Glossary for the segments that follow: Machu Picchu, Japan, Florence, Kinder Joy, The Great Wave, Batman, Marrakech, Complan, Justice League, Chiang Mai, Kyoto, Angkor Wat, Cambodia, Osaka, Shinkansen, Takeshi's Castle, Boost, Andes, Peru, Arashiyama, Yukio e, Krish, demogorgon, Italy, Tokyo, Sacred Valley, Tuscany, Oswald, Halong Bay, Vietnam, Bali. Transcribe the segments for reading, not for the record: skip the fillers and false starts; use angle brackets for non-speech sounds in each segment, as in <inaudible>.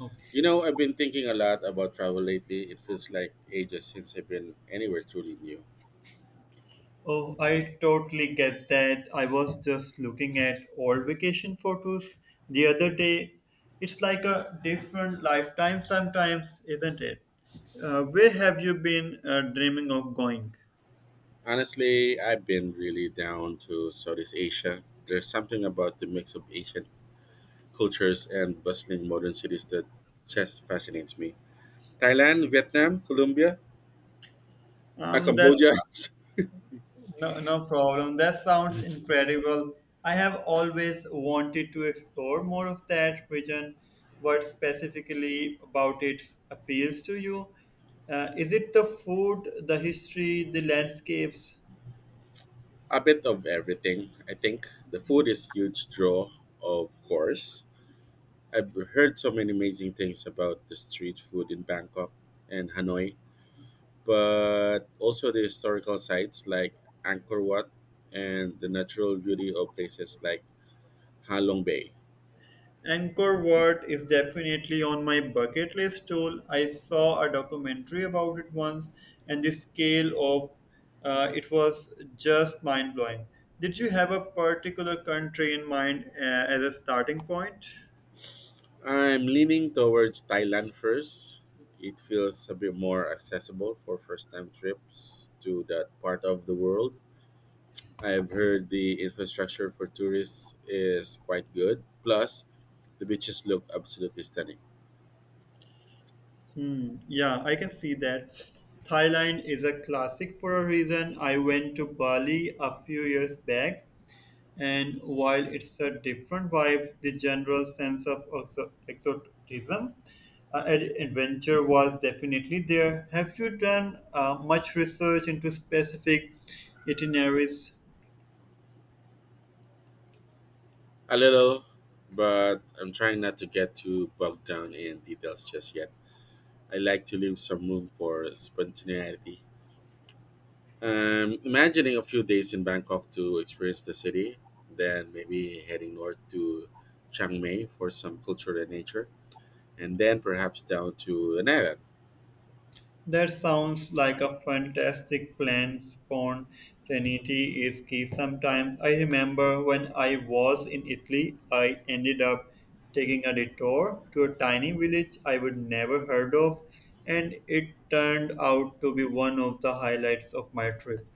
Oh, I've been thinking a lot about travel lately. It feels like ages since I've been anywhere truly new. Oh, I totally get that. I was just looking at old vacation photos the other day. It's like a different lifetime sometimes, isn't it? Where have you been dreaming of going? Honestly, I've been really down to Southeast Asia. There's something about the mix of Asian cultures and bustling modern cities that just fascinates me. Thailand, Vietnam, Colombia, That. Cambodia, No, no problem. That sounds incredible. I have always wanted to explore more of that region. What specifically about it appeals to you? Is it the food, the history, the landscapes? <laughs> a bit of everything, I think. The food is huge draw, of course. I've heard so many amazing things about the street food in Bangkok and Hanoi, but also the historical sites like Angkor Wat and the natural beauty of places like Halong Bay. Angkor Wat is definitely on my bucket list too. I saw a documentary about it once, and the scale of it was just mind blowing. Did you have a particular country in mind as a starting point? I'm leaning towards Thailand first. It feels a bit more accessible for first time trips to that part of the world. I've heard the infrastructure for tourists is quite good. Plus, the beaches look absolutely stunning. Hmm, yeah, I can see that. Thailand is a classic for a reason. I went to Bali a few years back, and while it's a different vibe, the general sense of exotism adventure was definitely there. Have you done much research into specific itineraries? A little, but I'm trying not to get too bogged down in details just yet. I like to leave some room for spontaneity. Imagining a few days in Bangkok to experience the city, then maybe heading north to Chiang Mai for some culture and nature, and then perhaps down to an island. That sounds like a fantastic plan. Spontaneity is key sometimes. I remember when I was in Italy, I ended up taking a detour to a tiny village I would never heard of, and it turned out to be one of the highlights of my trip.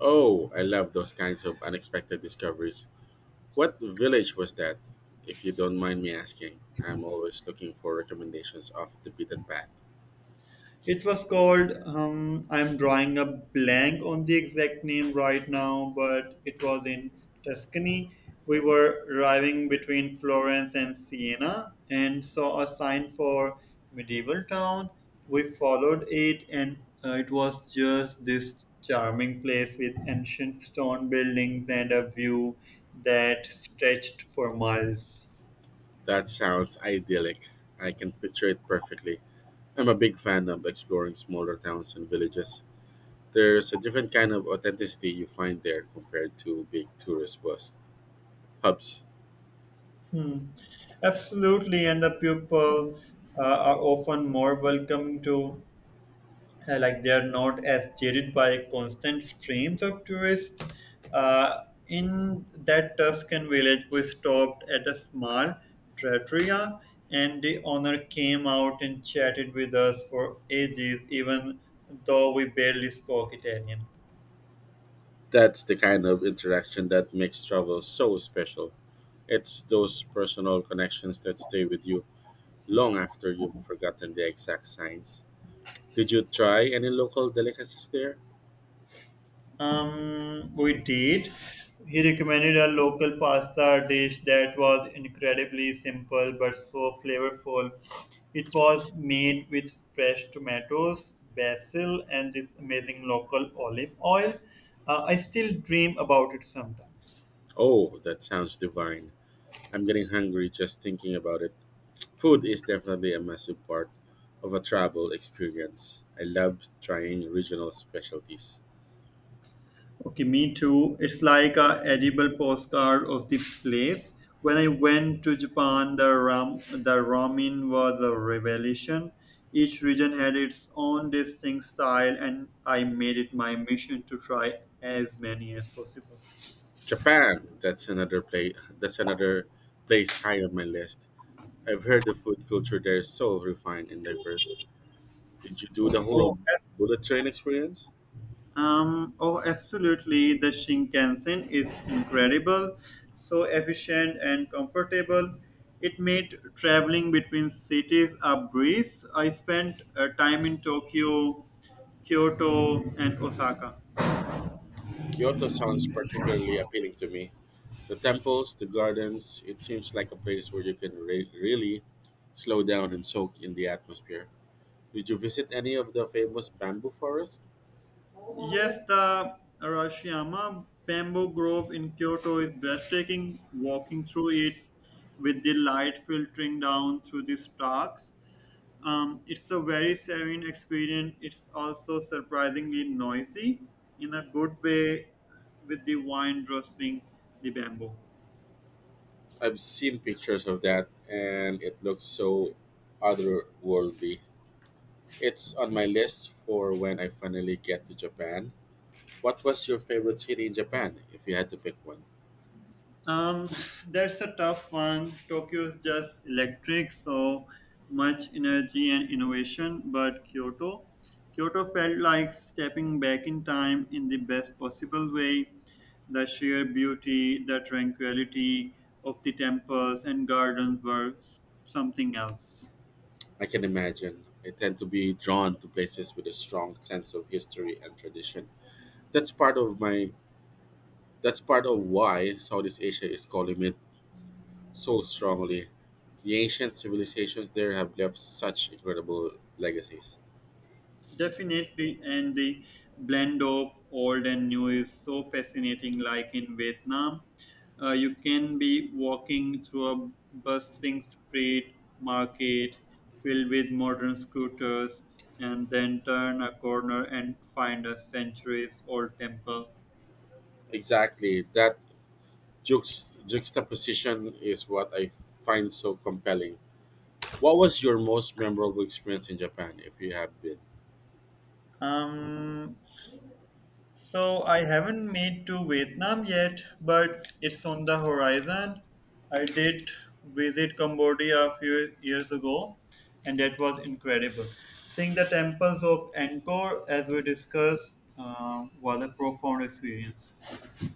Oh, I love those kinds of unexpected discoveries. What village was that? If you don't mind me asking, I'm always looking for recommendations off the beaten path. It was called, I'm drawing a blank on the exact name right now, but it was in Tuscany. We were driving between Florence and Siena and saw a sign for medieval town. We followed it, and it was just this charming place with ancient stone buildings and a view that stretched for miles. That sounds idyllic. I can picture it perfectly. I'm a big fan of exploring smaller towns and villages. There's a different kind of authenticity you find there compared to big tourist bus hubs. Hmm. Absolutely, and the people are often more welcome to, like, they are not as jaded by constant streams of tourists. Uh, in that Tuscan village, we stopped at a small trattoria, and the owner came out and chatted with us for ages, even though we barely spoke Italian. That's the kind of interaction that makes travel so special. It's those personal connections that stay with you long after you've forgotten the exact signs. Did you try any local delicacies there? We did. He recommended a local pasta dish that was incredibly simple but so flavorful. It was made with fresh tomatoes, basil, and this amazing local olive oil. I still dream about it sometimes. Oh, that sounds divine. I'm getting hungry just thinking about it. Food is definitely a massive part of a travel experience. I love trying regional specialties. Okay, me too. It's like a edible postcard of the place. When I went to Japan, the ramen was a revelation. Each region had its own distinct style, and I made it my mission to try as many as possible. Japan, that's another place high on my list. I've heard the food culture there is so refined and diverse. Did you do the whole Oh. bullet train experience? Oh, absolutely. The Shinkansen is incredible, so efficient and comfortable. It made traveling between cities a breeze. I spent time in Tokyo, Kyoto, and Osaka. Kyoto sounds particularly appealing to me. The temples, the gardens, it seems like a place where you can really slow down and soak in the atmosphere. Did you visit any of the famous bamboo forest? Yes, the Arashiyama bamboo grove in Kyoto is breathtaking. Walking through it with the light filtering down through the stalks, it's a very serene experience. It's also surprisingly noisy in a good way with the wind rustling the bamboo. I've seen pictures of that, and it looks so otherworldly. It's on my list for when I finally get to Japan. What was your favorite city in Japan, if you had to pick one? Um, that's a tough one. Tokyo is just electric, so much energy and innovation. But Kyoto felt like stepping back in time in the best possible way. The sheer beauty, the tranquility of the temples and gardens were something else. I can imagine. I tend to be drawn to places with a strong sense of history and tradition. That's part of my that's part of why Southeast Asia is calling me so strongly. The ancient civilizations there have left such incredible legacies. Definitely, and the blend of old and new is so fascinating. Like in Vietnam, you can be walking through a bustling street market filled with modern scooters, and then turn a corner and find a centuries old temple. Exactly. That juxtaposition is what I find so compelling. What was your most memorable experience in Japan, if you have been? Um, So I haven't made to Vietnam yet, but it's on the horizon. I did visit Cambodia a few years ago, and that was incredible. Seeing the temples of Angkor, as we discussed, was a profound experience.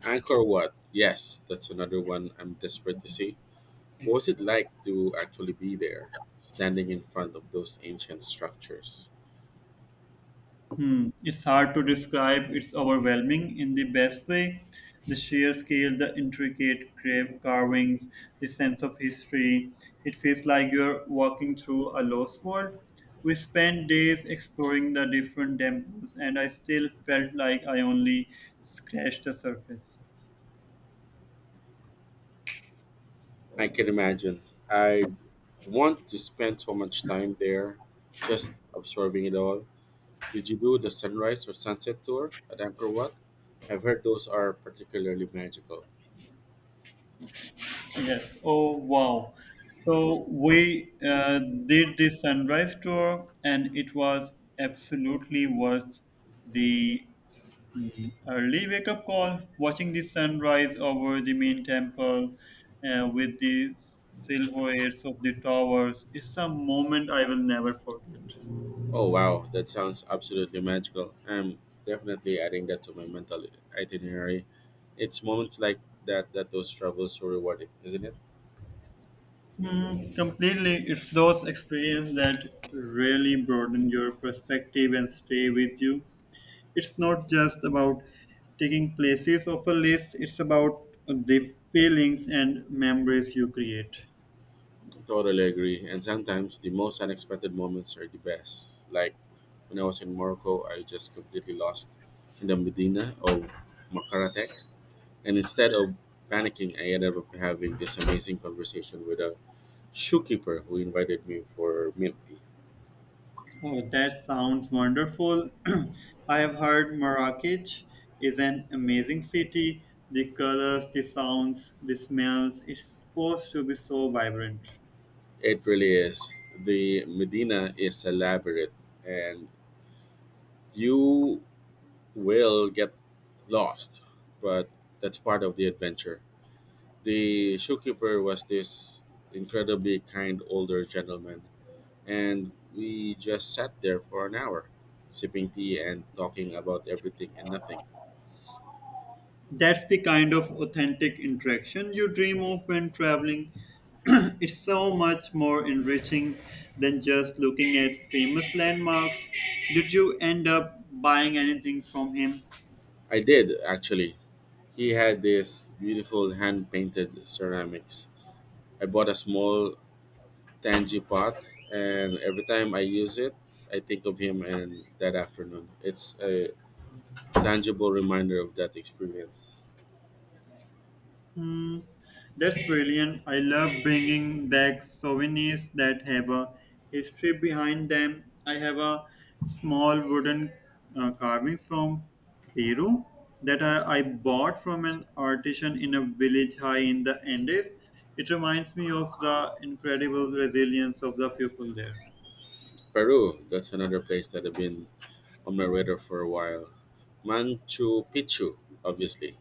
Angkor Wat. Yes, that's another one I'm desperate to see. What was it like to actually be there, standing in front of those ancient structures? Hmm, it's hard to describe. It's overwhelming in the best way. The sheer scale, the intricate grave carvings, the sense of history. It feels like you're walking through a lost world. We spent days exploring the different temples, and I still felt like I only scratched the surface. I can imagine. I want to spend so much time there, just observing it all. Did you do the sunrise or sunset tour at Angkor Wat? I've heard those are particularly magical. Yes. Oh, wow. So we did the sunrise tour, and it was absolutely worth the. Mm, early wake up call, watching the sunrise over the main temple with the silhouettes of the towers is a moment I will never forget. Oh wow, that sounds absolutely magical. I'm definitely adding that to my mental itinerary. It's moments like that that those travels so rewarding, isn't it? Mm, completely, it's those experiences that really broaden your perspective and stay with you. It's not just about taking places off a list, it's about the feelings and memories you create. Totally agree. And sometimes the most unexpected moments are the best. Like when I was in Morocco, I just completely lost in the Medina of Makaratech. And instead of panicking, I ended up having this amazing conversation with a shoekeeper who invited me for milk. Oh, that sounds wonderful. <clears throat> I have heard Marrakech is an amazing city. The colors, the sounds, the smells, it's supposed to be so vibrant. It really is. The Medina is a labyrinth, and you will get lost, but that's part of the adventure. The shopkeeper was this incredibly kind older gentleman, and we just sat there for an hour, sipping tea and talking about everything and nothing. That's the kind of authentic interaction you dream of when traveling. <clears throat> It's so much more enriching than just looking at famous landmarks. Did you end up buying anything from him? I did, actually. He had this beautiful hand painted ceramics. I bought a small Tangy pot, and every time I use it, I think of him and that afternoon. It's a tangible reminder of that experience. Hmm, that's brilliant. I love bringing back souvenirs that have a history behind them. I have a small wooden carving from Peru that I bought from an artisan in a village high in the Andes. It reminds me of the incredible resilience of the people there. Peru, that's another place that I've been on my radar for a while. Manchu Picchu, obviously,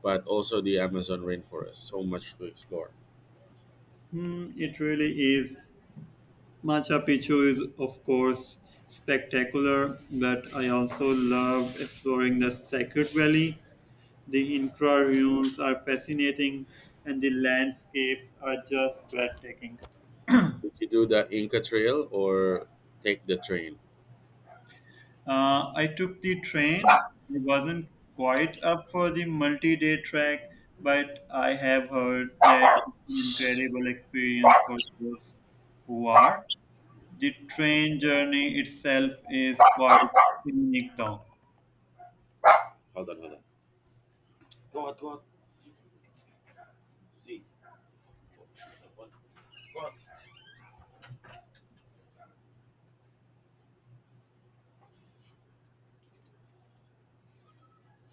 but also the Amazon rainforest. So much to explore. Hmm, it really is. Machu Picchu is, of course, spectacular, but I also love exploring the Sacred Valley. The interviews are fascinating and the landscapes are just breathtaking. Did you do the Inca Trail or take the train? I took the train. I wasn't quite up for the multi day trek, but I have heard that it's an incredible experience for those who are. The train journey itself is quite unique, though. Hold on, hold on. God, Z.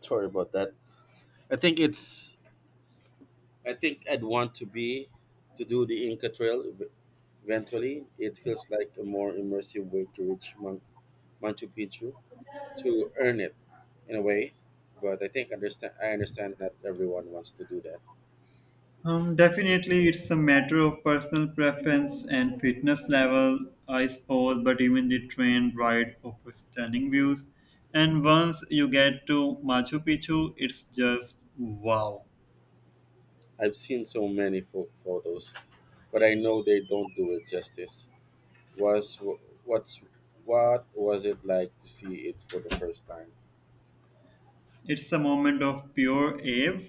Sorry about that. I think it's. I think I'd want to do the Inca Trail eventually. It feels like a more immersive way to reach Machu Picchu, to earn it in a way. But I understand not everyone wants to do that. Definitely, it's a matter of personal preference and fitness level, I suppose, but even the train ride offers stunning views. And once you get to Machu Picchu, it's just wow. I've seen so many photos, but I know they don't do it justice. Was what's what was it like to see it for the first time? It's a moment of pure awe.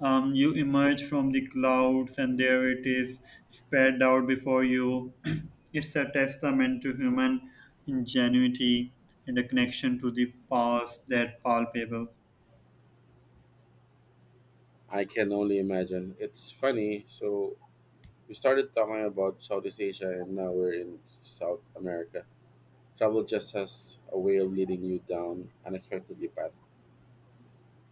You emerge from the clouds, and there it is spread out before you. <clears throat> It's a testament to human ingenuity and a connection to the past that palpable. I can only imagine. It's funny. So we started talking about Southeast Asia, and now we're in South America. Travel just has a way of leading you down unexpectedly path.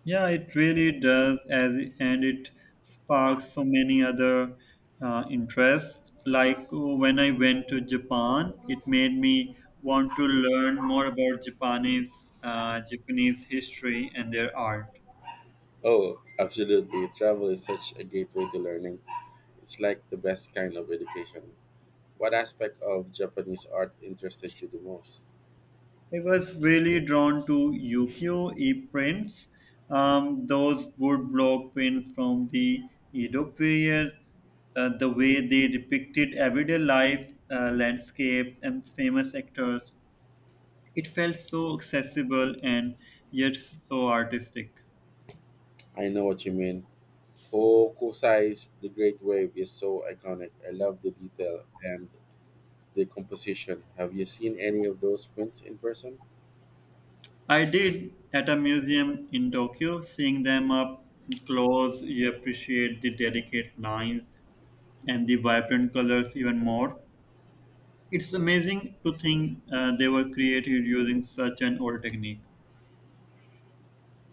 Yeah, it really does, as and it sparks so many other interests. Like oh, when I went to Japan, it made me want to learn more about Japanese history and their art. Oh, absolutely. Travel is such a gateway to learning. It's like the best kind of education. What aspect of Japanese art interested you the most? I was really drawn to Yukio e prints, those woodblock prints from the Edo period, the way they depicted everyday life, landscapes, and famous actors. It felt so accessible and yet so artistic. I know what you mean. Hokusai's The Great Wave is so iconic. I love the detail and the composition. Have you seen any of those prints in person? I did at a museum in Tokyo, seeing them up close, you appreciate the delicate lines and the vibrant colors even more. It's amazing to think they were created using such an old technique.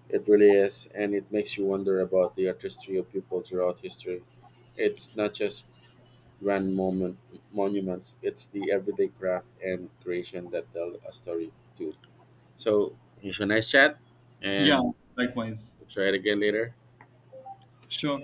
It really is, and it makes you wonder about the artistry of people throughout history. It's not just grand moment, monuments. It's the everyday craft and creation that tell a story too. So it's a nice chat, Yeah, and likewise. we'll try it again later. Sure.